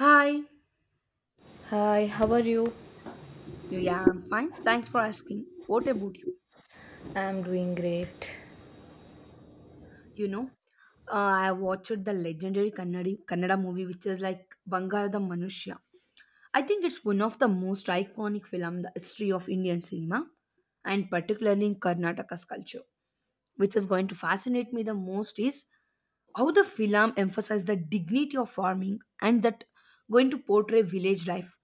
Hi. Hi, how are you? Yeah, I'm fine. Thanks for asking. What about you? I'm doing great. You know, I watched the legendary Kannadi, Kannada movie, which is like Bangarada Manushya. I think it's one of the most iconic film in the history of Indian cinema, and particularly in Karnataka's culture. Which is going to fascinate me the most is how the film emphasized the dignity of farming and that going to portray village life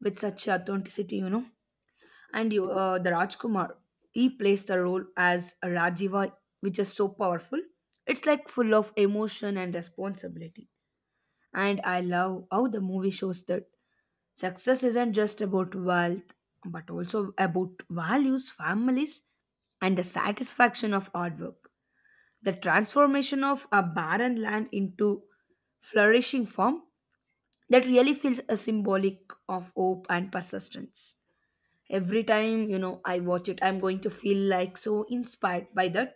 with such authenticity. And you, the Rajkumar, he plays the role as a Rajiva, which is so powerful. It's like full of emotion and responsibility. And I love how the movie shows that success isn't just about wealth, but also about values, families, and the satisfaction of hard work. The transformation of a barren land into flourishing farm that really feels a symbolic of hope and persistence every time I watch it, I'm going to feel like so inspired by that,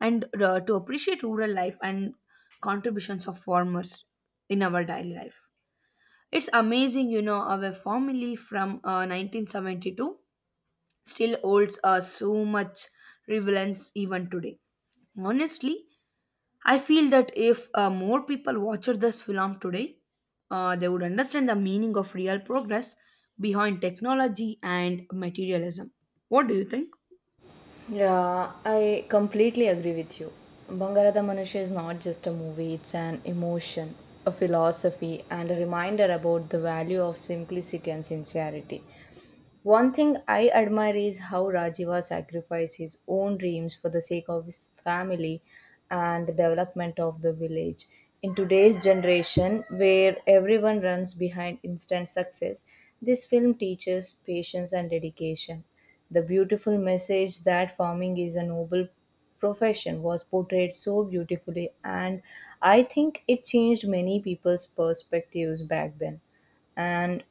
and to appreciate rural life and contributions of farmers in our daily life. It's amazing, our family from 1972 still holds us so much relevance even today. Honestly, I feel that if more people watched this film today, they would understand the meaning of real progress behind technology and materialism. What do you think? Yeah, I completely agree with you. Bangarada Manusha is not just a movie, it's an emotion, a philosophy, and a reminder about the value of simplicity and sincerity. One thing I admire is how Rajiva sacrificed his own dreams for the sake of his family and the development of the village. In today's generation, where everyone runs behind instant success, this film teaches patience and dedication. The beautiful message that farming is a noble profession was portrayed so beautifully, and I think it changed many people's perspectives back then and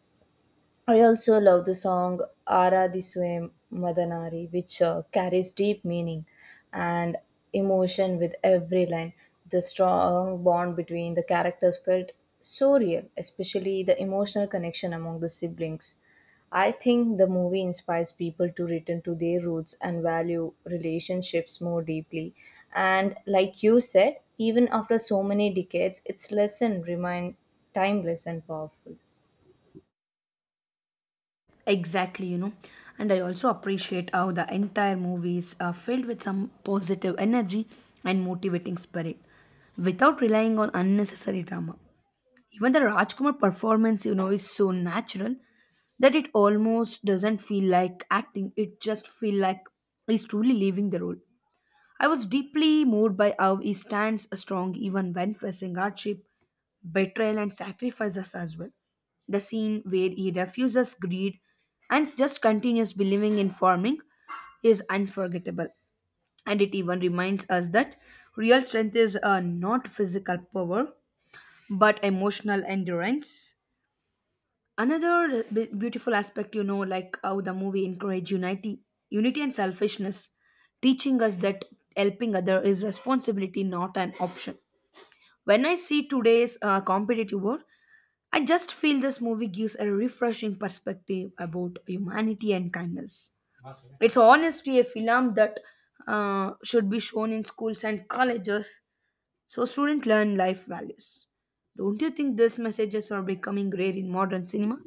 I also love the song Aradhiswe Madanari, which carries deep meaning and emotion with every line. The strong bond between the characters felt so real, especially the emotional connection among the siblings. I think the movie inspires people to return to their roots and value relationships more deeply. And like you said, even after so many decades, its lesson remain timeless and powerful. Exactly, And I also appreciate how the entire movie is filled with some positive energy and motivating spirit without relying on unnecessary drama. Even the Rajkumar performance, is so natural that it almost doesn't feel like acting. It just feel like he's truly living the role. I was deeply moved by how he stands strong even when facing hardship, betrayal, and sacrifices as well. The scene where he refuses greed and just continues believing in farming is unforgettable. And it even reminds us that real strength is not physical power but emotional endurance. Another beautiful aspect, like how the movie encourage unity, unity and selfishness, teaching us that helping other is responsibility not an option. When I see today's competitive world, I just feel this movie gives a refreshing perspective about humanity and kindness. It's honestly a film that should be shown in schools and colleges so students learn life values. Don't you think these messages are becoming rare in modern cinema?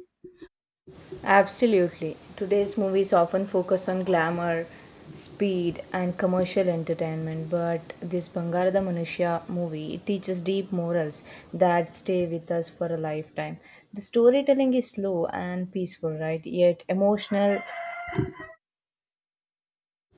Absolutely. Today's movies often focus on glamour, speed, and commercial entertainment, but this Bangarada Manushya movie it teaches deep morals that stay with us for a lifetime. The storytelling is slow and peaceful, right? Yet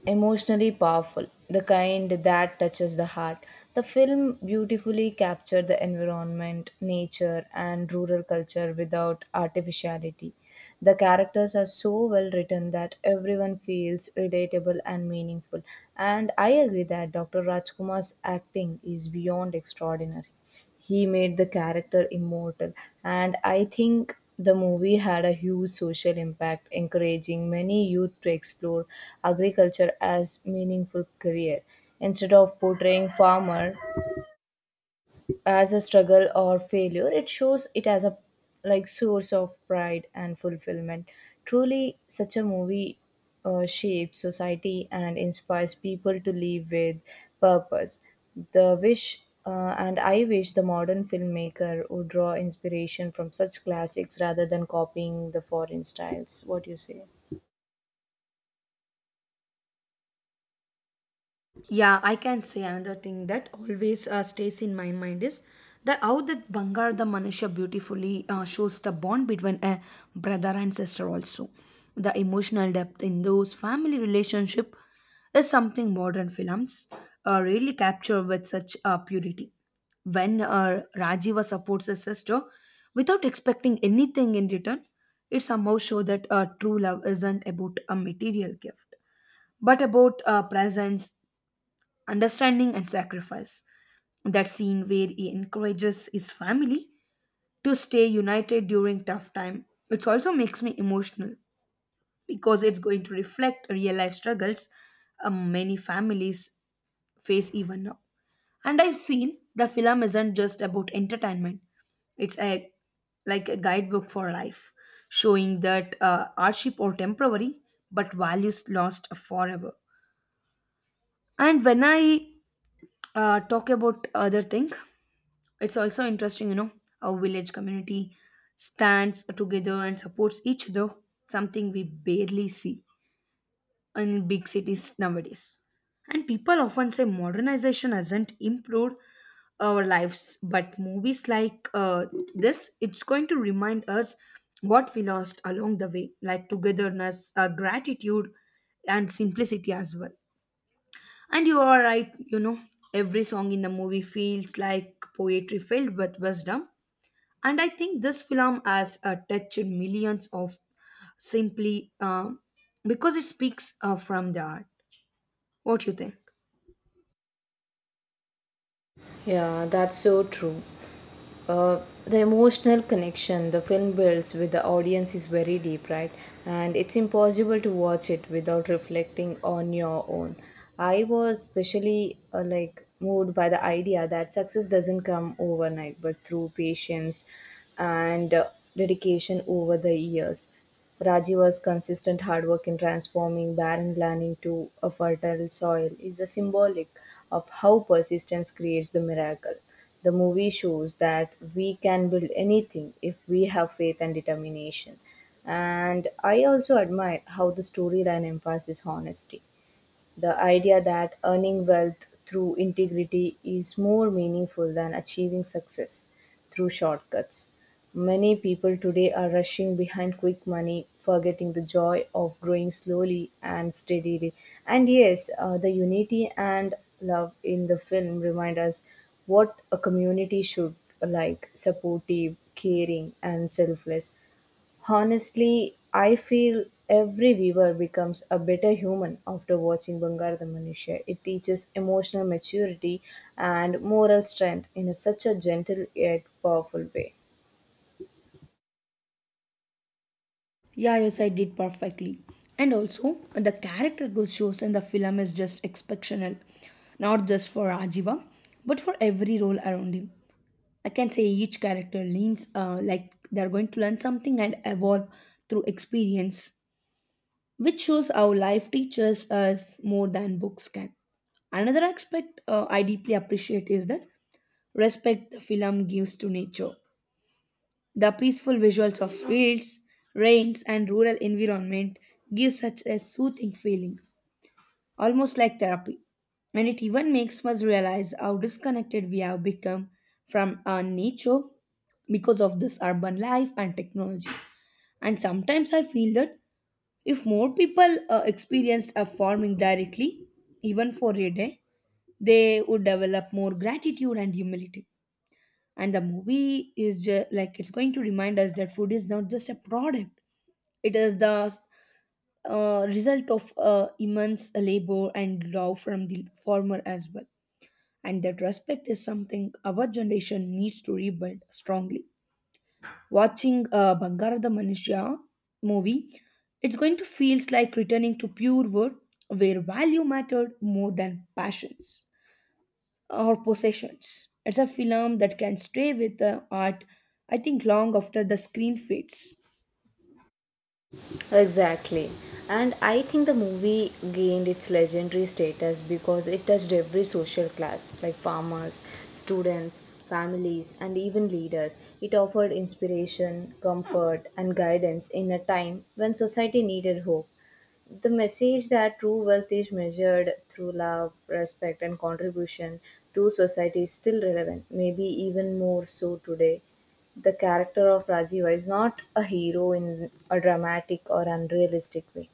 emotionally powerful, the kind that touches the heart. The film beautifully captured the environment, nature, and rural culture without artificiality. The characters are so well written that everyone feels relatable and meaningful. And I agree that Dr. Rajkumar's acting is beyond extraordinary. He made the character immortal, and I think the movie had a huge social impact, encouraging many youth to explore agriculture as meaningful career, instead of portraying farmer as a struggle or failure, it shows it as a like source of pride and fulfillment. Truly such a movie shapes society and inspires people to live with purpose. The wish uh, and I wish the modern filmmaker would draw inspiration from such classics rather than copying the foreign styles. What do you say? Yeah, I can say another thing that always stays in my mind is that how that Bangar the Manusha beautifully shows the bond between a brother and sister also. The emotional depth in those family relationship is something modern films really capture with such purity. When Rajiva supports his sister without expecting anything in return, it somehow shows that true love isn't about a material gift, but about presence, understanding and sacrifice. That scene where he encourages his family to stay united during tough time, it also makes me emotional because it's going to reflect real life struggles many families face even now. And I feel the film isn't just about entertainment; it's a like a guidebook for life, showing that hardship or temporary, but values lost forever. And when I talk about other thing, it's also interesting, how village community stands together and supports each other, something we barely see in big cities nowadays. And people often say modernization hasn't improved our lives, but movies like this, it's going to remind us what we lost along the way, like togetherness, gratitude, and simplicity as well. And you are right, every song in the movie feels like poetry filled with wisdom, and I think this film has touched millions of simply because it speaks from the heart. What you think? Yeah, that's so true. The emotional connection the film builds with the audience is very deep, right? And it's impossible to watch it without reflecting on your own. I was especially like moved by the idea that success doesn't come overnight, but through patience and dedication over the years. Rajiva's consistent hard work in transforming barren land into a fertile soil is a symbolic of how persistence creates the miracle. The movie shows that we can build anything if we have faith and determination. And I also admire how the storyline emphasizes honesty. The idea that earning wealth through integrity is more meaningful than achieving success through shortcuts. Many people today are rushing behind quick money, forgetting the joy of growing slowly and steadily. And yes, the unity and love in the film remind us what a community should like supportive, caring, and selfless. Honestly, I feel every viewer becomes a better human after watching Bangarada Manushya. It teaches emotional maturity and moral strength in a such a gentle yet powerful way. Yeah, yes, I did perfectly. And also, the character growth shows in the film is just exceptional, not just for Rajiva, but for every role around him. I can say each character leans like they're going to learn something and evolve through experience, which shows how life teaches us more than books can. Another aspect I deeply appreciate is that respect the film gives to nature. The peaceful visuals of fields, rains, and rural environment give such a soothing feeling, almost like therapy. And it even makes us realize how disconnected we have become from our nature because of this urban life and technology. And sometimes I feel that if more people experienced a farming directly, even for a day, they would develop more gratitude and humility. And the movie is like it's going to remind us that food is not just a product; it is the result of immense labor and love from the farmer as well. And that respect is something our generation needs to rebuild strongly. Watching Bangaರದ Manushya movie, it's going to feels like returning to pure wood where value mattered more than passions or possessions. It's a film that can stay with the art, I think, long after the screen fades. Exactly. And I think the movie gained its legendary status because it touched every social class, like farmers, students, families, and even leaders. It offered inspiration, comfort, and guidance in a time when society needed hope. The message that true wealth is measured through love, respect, and contribution to society is still relevant, maybe even more so today. The character of Rajiva is not a hero in a dramatic or unrealistic way.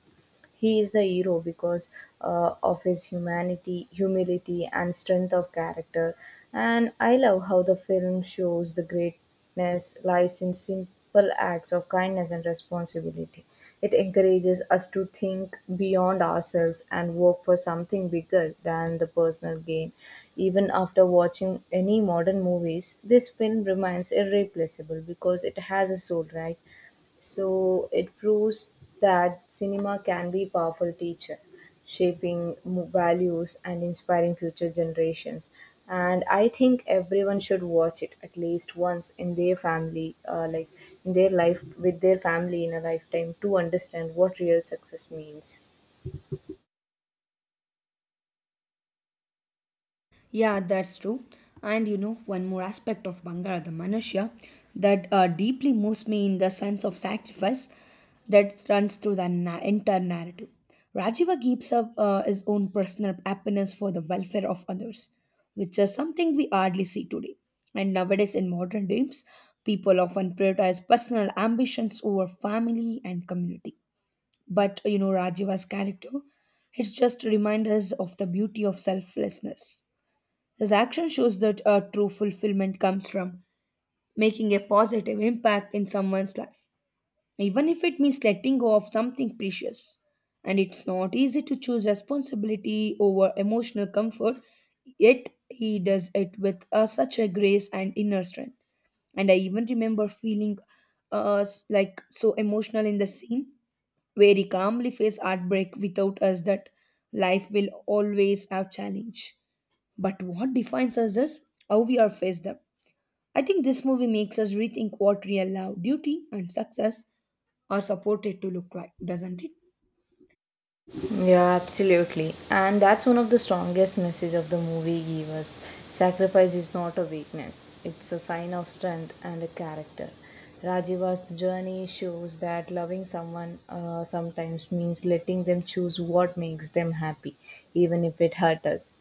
He is the hero because of his humanity, humility, and strength of character. And I love how the film shows the greatness lies in simple acts of kindness and responsibility. It encourages us to think beyond ourselves and work for something bigger than the personal gain. Even after watching any modern movies, this film remains irreplaceable because it has a soul, right? So it proves that cinema can be a powerful teacher, shaping values and inspiring future generations. And I think everyone should watch it at least once in their family, in their life with their family in a lifetime to understand what real success means. Yeah, that's true. And one more aspect of Bangara the manusya that deeply moves me in the sense of sacrifice that runs through the entire narrative. Rajiva gives up his own personal happiness for the welfare of others, which is something we hardly see today. And nowadays, in modern times, people often prioritize personal ambitions over family and community. But Rajiva's character, it's just reminders of the beauty of selflessness. His action shows that a true fulfillment comes from making a positive impact in someone's life, even if it means letting go of something precious. And it's not easy to choose responsibility over emotional comfort, yet he does it with such a grace and inner strength. And I even remember feeling like so emotional in the scene where he calmly faced heartbreak without us that life will always have challenge, but what defines us is how we are faced them. I think this movie makes us rethink what real love, duty, and success are supported to look like, doesn't it? Yeah, absolutely. And that's one of the strongest message of the movie gave us. Sacrifice is not a weakness. It's a sign of strength and a character. Rajiva's journey shows that loving someone sometimes means letting them choose what makes them happy, even if it hurts us.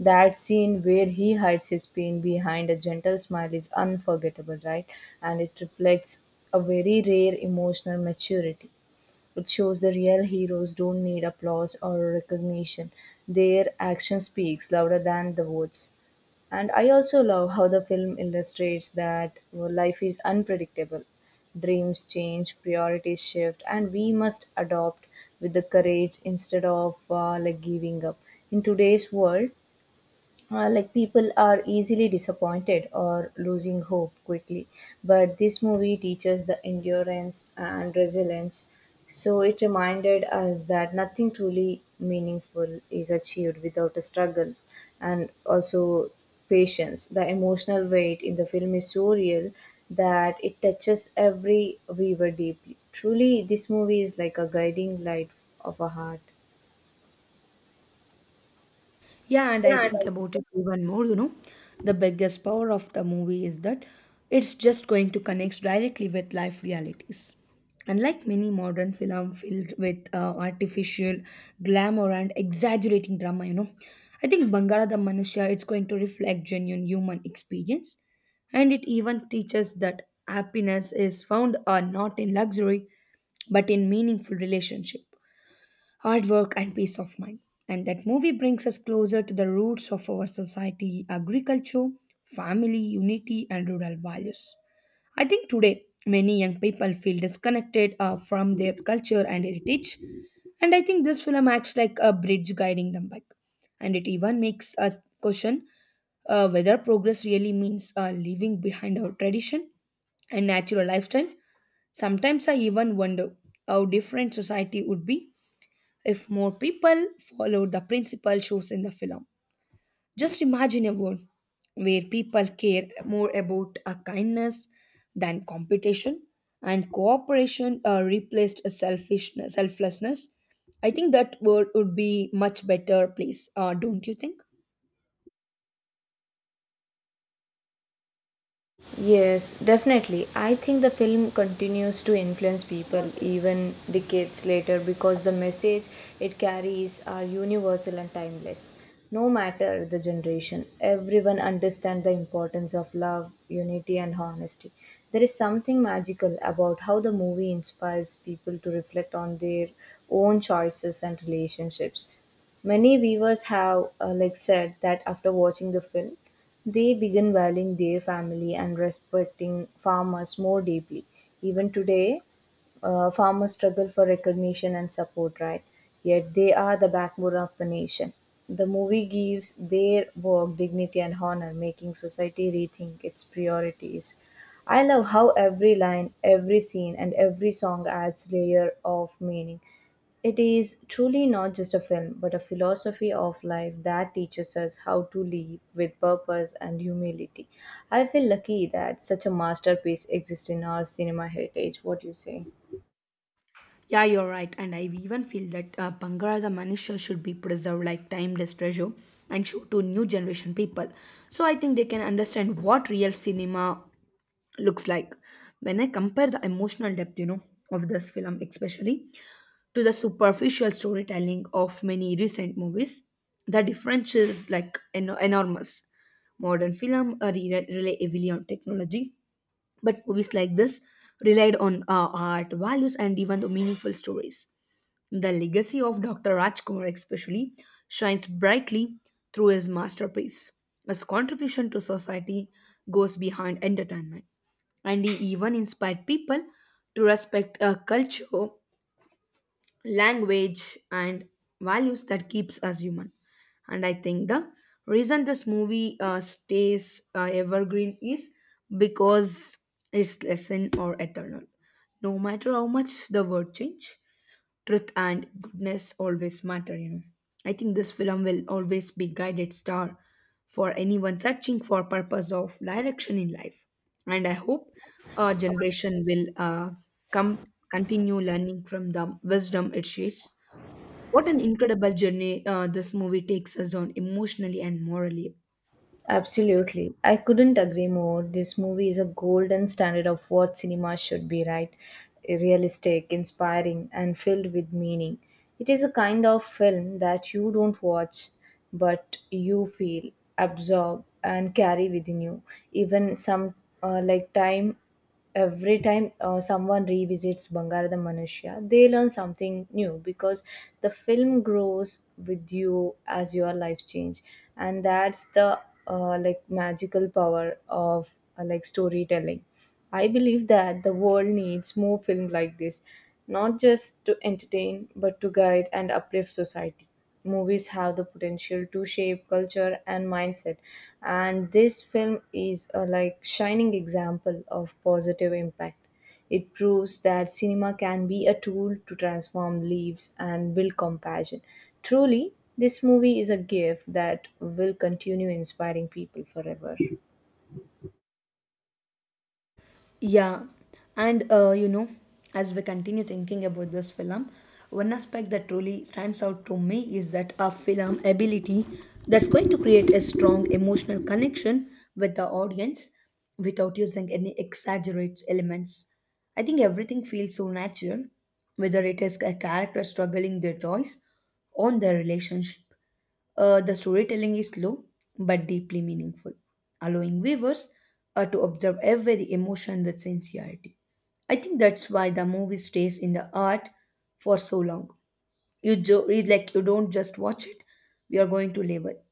That scene where he hides his pain behind a gentle smile is unforgettable, right? And it reflects a very rare emotional maturity. It shows the real heroes don't need applause or recognition. Their action speaks louder than the words. And I also love how the film illustrates that well, life is unpredictable. Dreams change, priorities shift, and we must adopt with the courage instead of giving up. In today's world, people are easily disappointed or losing hope quickly, but this movie teaches the endurance and resilience. So it reminded us that nothing truly meaningful is achieved without a struggle, and also patience. The emotional weight in the film is so real that it touches every viewer deeply. Truly this movie is like a guiding light of a heart. Yeah, and I Yeah, and think about it even more, the biggest power of the movie is that it's just going to connect directly with life realities. Unlike many modern film filled with artificial glamour and exaggerating drama, I think Bangara the Manusya it's going to reflect genuine human experience, and it even teaches that happiness is found not in luxury but in meaningful relationship, hard work and peace of mind. And that movie brings us closer to the roots of our society: agriculture, family unity and rural values. I think today many young people feel disconnected from their culture and heritage, and I think this film acts like a bridge guiding them back. And it even makes us question whether progress really means leaving behind our tradition and natural lifestyle. Sometimes I even wonder how different society would be if more people followed the principle shows in the film. Just imagine a world where people care more about a kindness than competition, and cooperation replaced a selfishness, selflessness. I think that world would be much better place, don't you think? Yes, definitely. I think the film continues to influence people even decades later because the message it carries are universal and timeless. No matter the generation, everyone understands the importance of love, unity, and honesty. There is something magical about how the movie inspires people to reflect on their own choices and relationships. Many viewers have said that after watching the film, they begin valuing their family and respecting farmers more deeply. Even today, farmers struggle for recognition and support, right? Yet they are the backbone of the nation. The movie gives their work dignity and honor, making society rethink its priorities. I love how every line, every scene, and every song adds layer of meaning. It is truly not just a film, but a philosophy of life that teaches us how to live with purpose and humility. I feel lucky that such a masterpiece exists in our cinema heritage. What do you say? Yeah, you're right. And I even feel that Bangara the Manisha should be preserved like timeless treasure and show to new generation people. So I think they can understand what real cinema looks like. When I compare the emotional depth, of this film especially to the superficial storytelling of many recent movies, the difference is like enormous. Modern film rely heavily on technology, but movies like this relied on art values and even the meaningful stories. The legacy of Dr. Rajkumar, especially, shines brightly through his masterpiece. His contribution to society goes beyond entertainment, and he even inspired people to respect a culture, language, and values that keeps us human. And I think the reason this movie stays evergreen is because its lesson or eternal. No matter how much the world change, truth and goodness always matter. You know, I think this film will always be guided star for anyone searching for purpose of direction in life, and I hope our generation will come continue learning from the wisdom it shares. What an incredible journey this movie takes us on emotionally and morally. Absolutely. I couldn't agree more. This movie is a golden standard of what cinema should be, right? Realistic, inspiring, and filled with meaning. It is a kind of film that you don't watch, but you feel, absorb, and carry within you. Even some like time every time someone revisits Bangarada Manushya, they learn something new because the film grows with you as your life change, and that's the magical power of storytelling. I believe that the world needs more film like this, not just to entertain, but to guide and uplift society. Movies have the potential to shape culture and mindset, and this film is a like shining example of positive impact. It proves that cinema can be a tool to transform lives and build compassion. Truly, this movie is a gift that will continue inspiring people forever. Yeah, and as we continue thinking about this film, one aspect that truly stands out to me is that a film ability that's going to create a strong emotional connection with the audience without using any exaggerated elements. I think everything feels so natural, whether it is a character struggling their choice on their relationship. The storytelling is slow but deeply meaningful, allowing viewers to observe every emotion with sincerity. I think that's why the movie stays in the art for so long. Like you don't just watch it; we are going to live it.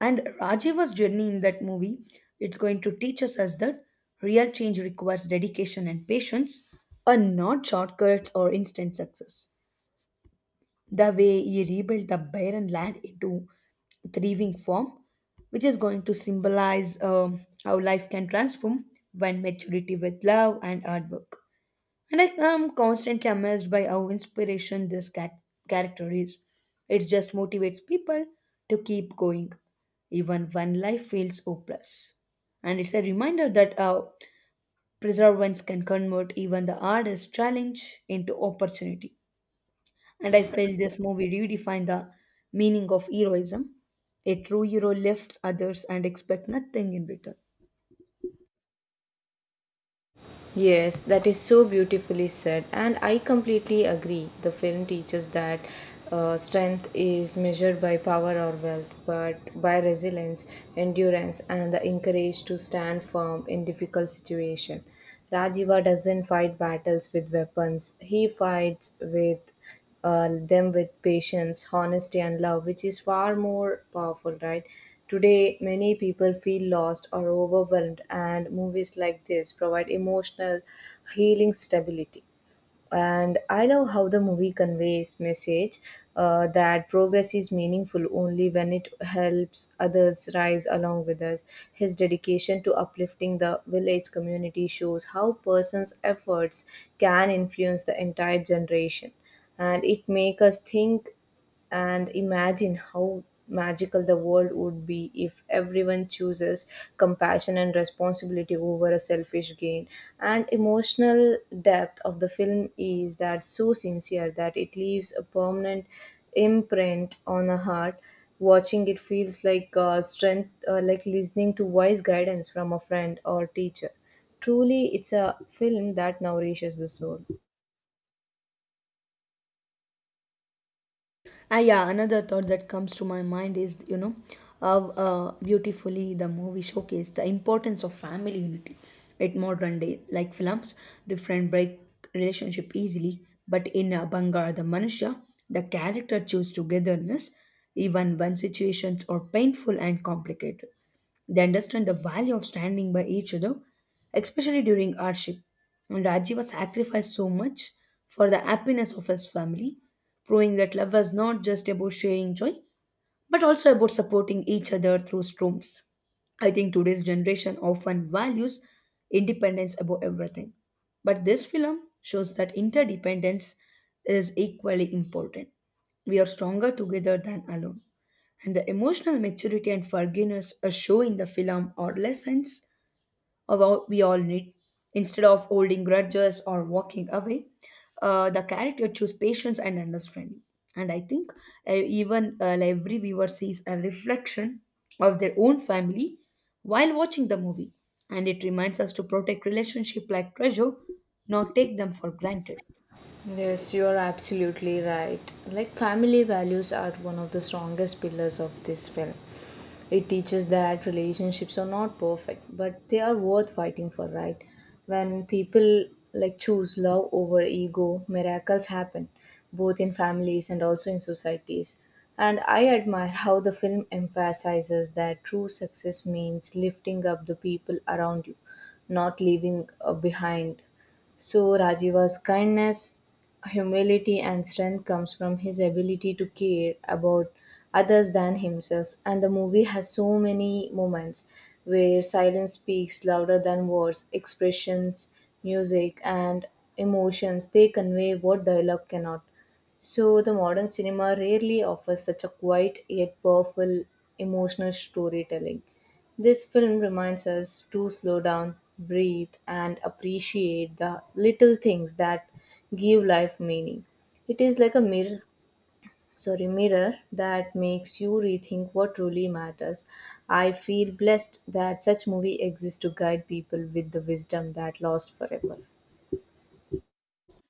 And Rajiva's journey in that movie, it's going to teach us as that real change requires dedication and patience, and not shortcuts or instant success the way he rebuilt the barren land into thriving form, which is going to symbolize how life can transform when maturity with love and hard work. And I am constantly amazed by how inspiration this character is. It just motivates people to keep going, even when life feels hopeless. And it's a reminder that perseverance can convert even the hardest challenge into opportunity. And I feel this movie redefined the meaning of heroism. A true hero lifts others and expects nothing in return. Yes, that is so beautifully said, and I completely agree. The film teaches that strength is measured by power or wealth, but by resilience, endurance, and the encourage to stand firm in difficult situation. Rajiva doesn't fight battles with weapons; he fights with them with patience, honesty, and love, which is far more powerful, right? Today, many people feel lost or overwhelmed, and movies like this provide emotional healing stability. And I love how the movie conveys message that progress is meaningful only when it helps others rise along with us. His dedication to uplifting the village community shows how person's efforts can influence the entire generation, and it makes us think and imagine how magical the world would be if everyone chooses compassion and responsibility over a selfish gain. And emotional depth of the film is that so sincere that it leaves a permanent imprint on a heart. Watching it feels like strength like listening to wise guidance from a friend or teacher. Truly it's a film that nourishes the soul. Ah, yeah, another thought that comes to my mind is, you know, how beautifully the movie showcased the importance of family unity at modern day. Like films, different break relationship easily, but in Bangar, the Manusha, the character choose togetherness even when situations are painful and complicated. They understand the value of standing by each other, especially during hardship. And Rajiva sacrificed so much for the happiness of his family, proving that love was not just about sharing joy, but also about supporting each other through storms. I think today's generation often values independence above everything. But this film shows that interdependence is equally important. We are stronger together than alone, and the emotional maturity and forgiveness are shown in the film are lessons of what we all need. Instead of holding grudges or walking away, the character choose patience and understanding. And I think even like every viewer sees a reflection of their own family while watching the movie, and it reminds us to protect relationship like treasure, not take them for granted. Yes, you are absolutely right. Like, family values are one of the strongest pillars of this film. It teaches that relationships are not perfect, but they are worth fighting for, right? When people choose love over ego, miracles happen, both in families and also in societies. And I admire how the film emphasizes that true success means lifting up the people around you, not leaving behind. So Rajiva's kindness, humility and strength comes from his ability to care about others than himself. And the movie has so many moments where silence speaks louder than words, expressions, music and emotions, they convey what dialogue cannot. So the modern cinema rarely offers such a quiet yet powerful emotional storytelling. This film reminds us to slow down, breathe, and appreciate the little things that give life meaning. It is like a mirror, sorry, mirror that makes you rethink what truly matters. I feel blessed that such movie exists to guide people with the wisdom that lasts forever.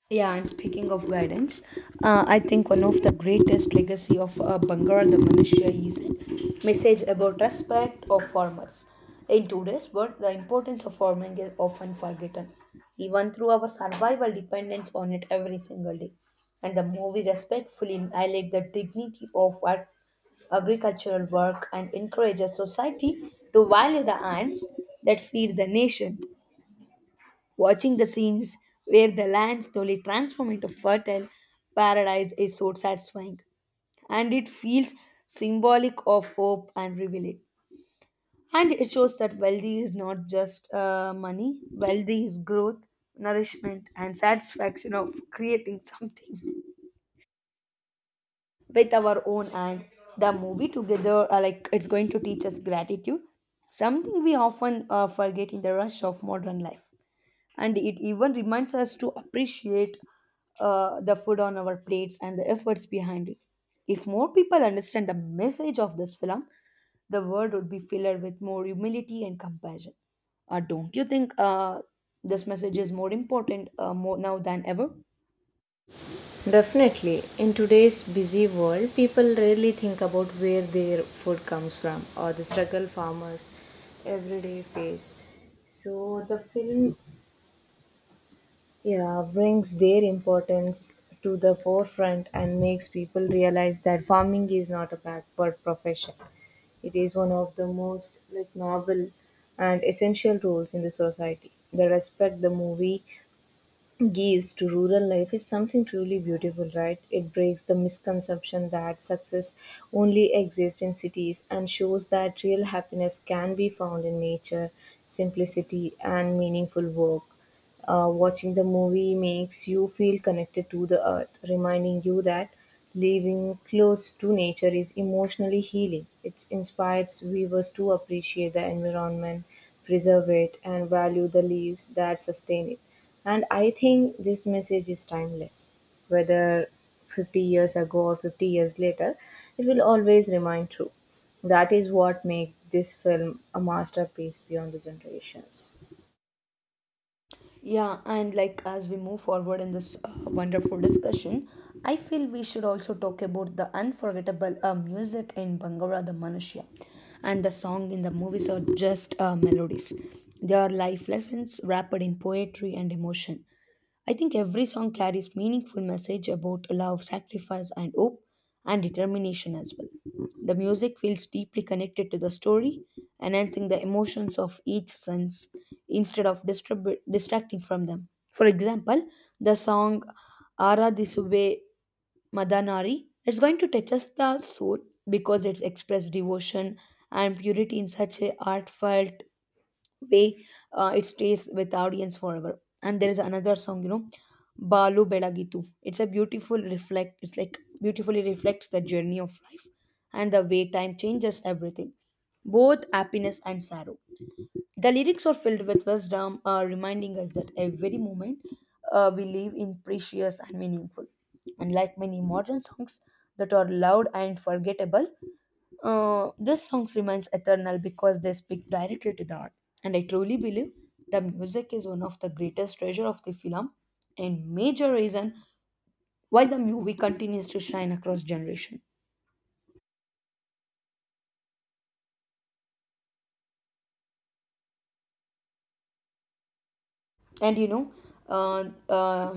Yeah, and speaking of guidance, I think one of the greatest legacy of Bangaran the Malaysia is its message about respect of farmers. In today's world, the importance of farming is often forgotten, even through our survival dependence on it every single day. And the movie respectfully highlights the dignity of our agricultural work and encourages society to value the hands that feed the nation. Watching the scenes where the land slowly transforms into fertile paradise is so satisfying, and it feels symbolic of hope and revealing. And it shows that wealthy is not just money, wealthy is growth, nourishment, and satisfaction of creating something with our own hand. The movie together, like it's going to teach us gratitude, something we often forget in the rush of modern life. And it even reminds us to appreciate the food on our plates and the efforts behind it. If more people understand the message of this film, the world would be filled with more humility and compassion. Don't you think this message is more important more now than ever? Definitely, in today's busy world, people rarely think about where their food comes from or the struggle farmers everyday face. So the film yeah brings their importance to the forefront and makes people realize that farming is not a backward profession. It is one of the most like noble and essential roles in the society. The respect the movie gives to rural life is something truly beautiful, right? It breaks the misconception that success only exists in cities and shows that real happiness can be found in nature, simplicity and meaningful work. Watching the movie makes you feel connected to the earth, reminding you that living close to nature is emotionally healing. It inspires viewers to appreciate the environment, preserve it, and value the leaves that sustain it. And I think this message is timeless. Whether 50 years ago or 50 years later, it will always remain true. That is what makes this film a masterpiece beyond the generations. Yeah, and like as we move forward in this wonderful discussion, I feel we should also talk about the unforgettable music in Bangara the Manushya. And the song in the movies are just melodies. They are life lessons wrapped in poetry and emotion. I think every song carries meaningful message about love, sacrifice, and hope and determination as well. The music feels deeply connected to the story, enhancing the emotions of each sense instead of distracting from them. For example, the song Ara Disube Madanari is going to touch us the soul because it's expressed devotion and purity in such a heartfelt way. Uh, it stays with the audience forever. And there is another song, you know, Balu Belagitu. It's a beautiful reflect. It's like beautifully reflects the journey of life and the way time changes everything, both happiness and sorrow. The lyrics are filled with wisdom, reminding us that every moment we live in precious and meaningful. Unlike many modern songs that are loud and forgettable, this song remains eternal because they speak directly to the heart. And I truly believe the music is one of the greatest treasure of the film and major reason why the movie continues to shine across generation. And you know, uh, uh,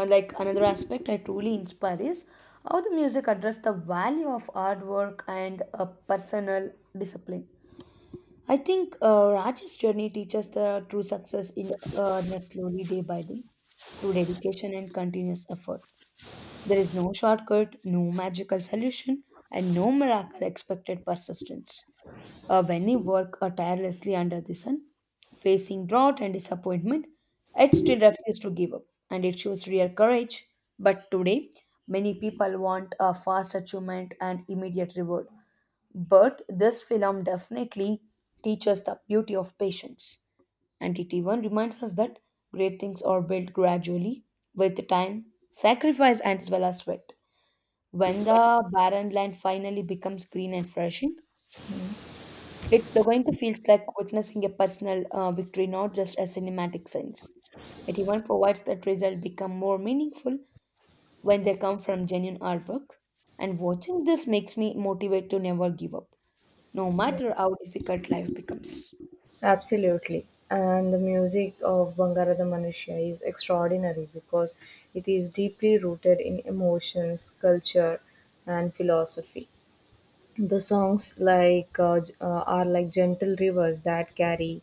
like another aspect I truly inspire is how the music address the value of hard work and personal discipline. I think Raj's journey teaches the true success in earnest slowly day by day through dedication and continuous effort. There is no shortcut, no magical solution, and no miracle expected persistence. When you work tirelessly under the sun, facing drought and disappointment, it still refuses to give up and it shows real courage. But today, many people want a fast achievement and immediate reward. But this film definitely teaches the beauty of patience. And it even reminds us that great things are built gradually with time, sacrifice, and as well as sweat. When the barren land finally becomes green and flourishing, it's going to feel like witnessing a personal victory, not just a cinematic sense. It even provides that results become more meaningful when they come from genuine artwork. And watching this makes me motivate to never give up no matter how difficult life becomes. Absolutely. And the music of Bangarada Manushya is extraordinary because it is deeply rooted in emotions, culture, and philosophy. The songs like are like gentle rivers that carry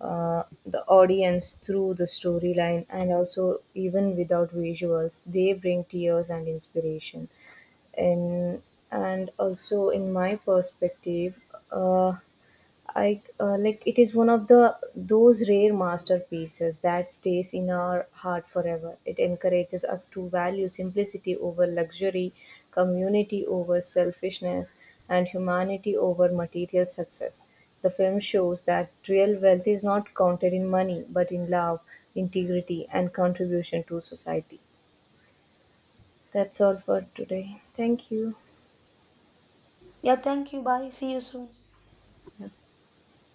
the audience through the storyline, and also even without visuals, they bring tears and inspiration. And and also, in my perspective, uh, I like it is one of the those rare masterpieces that stays in our heart forever. It encourages us to value simplicity over luxury, community over selfishness, and humanity over material success. The film shows that real wealth is not counted in money, but in love, integrity, and contribution to society. That's all for today. Thank you. Yeah, thank you. Bye. See you soon.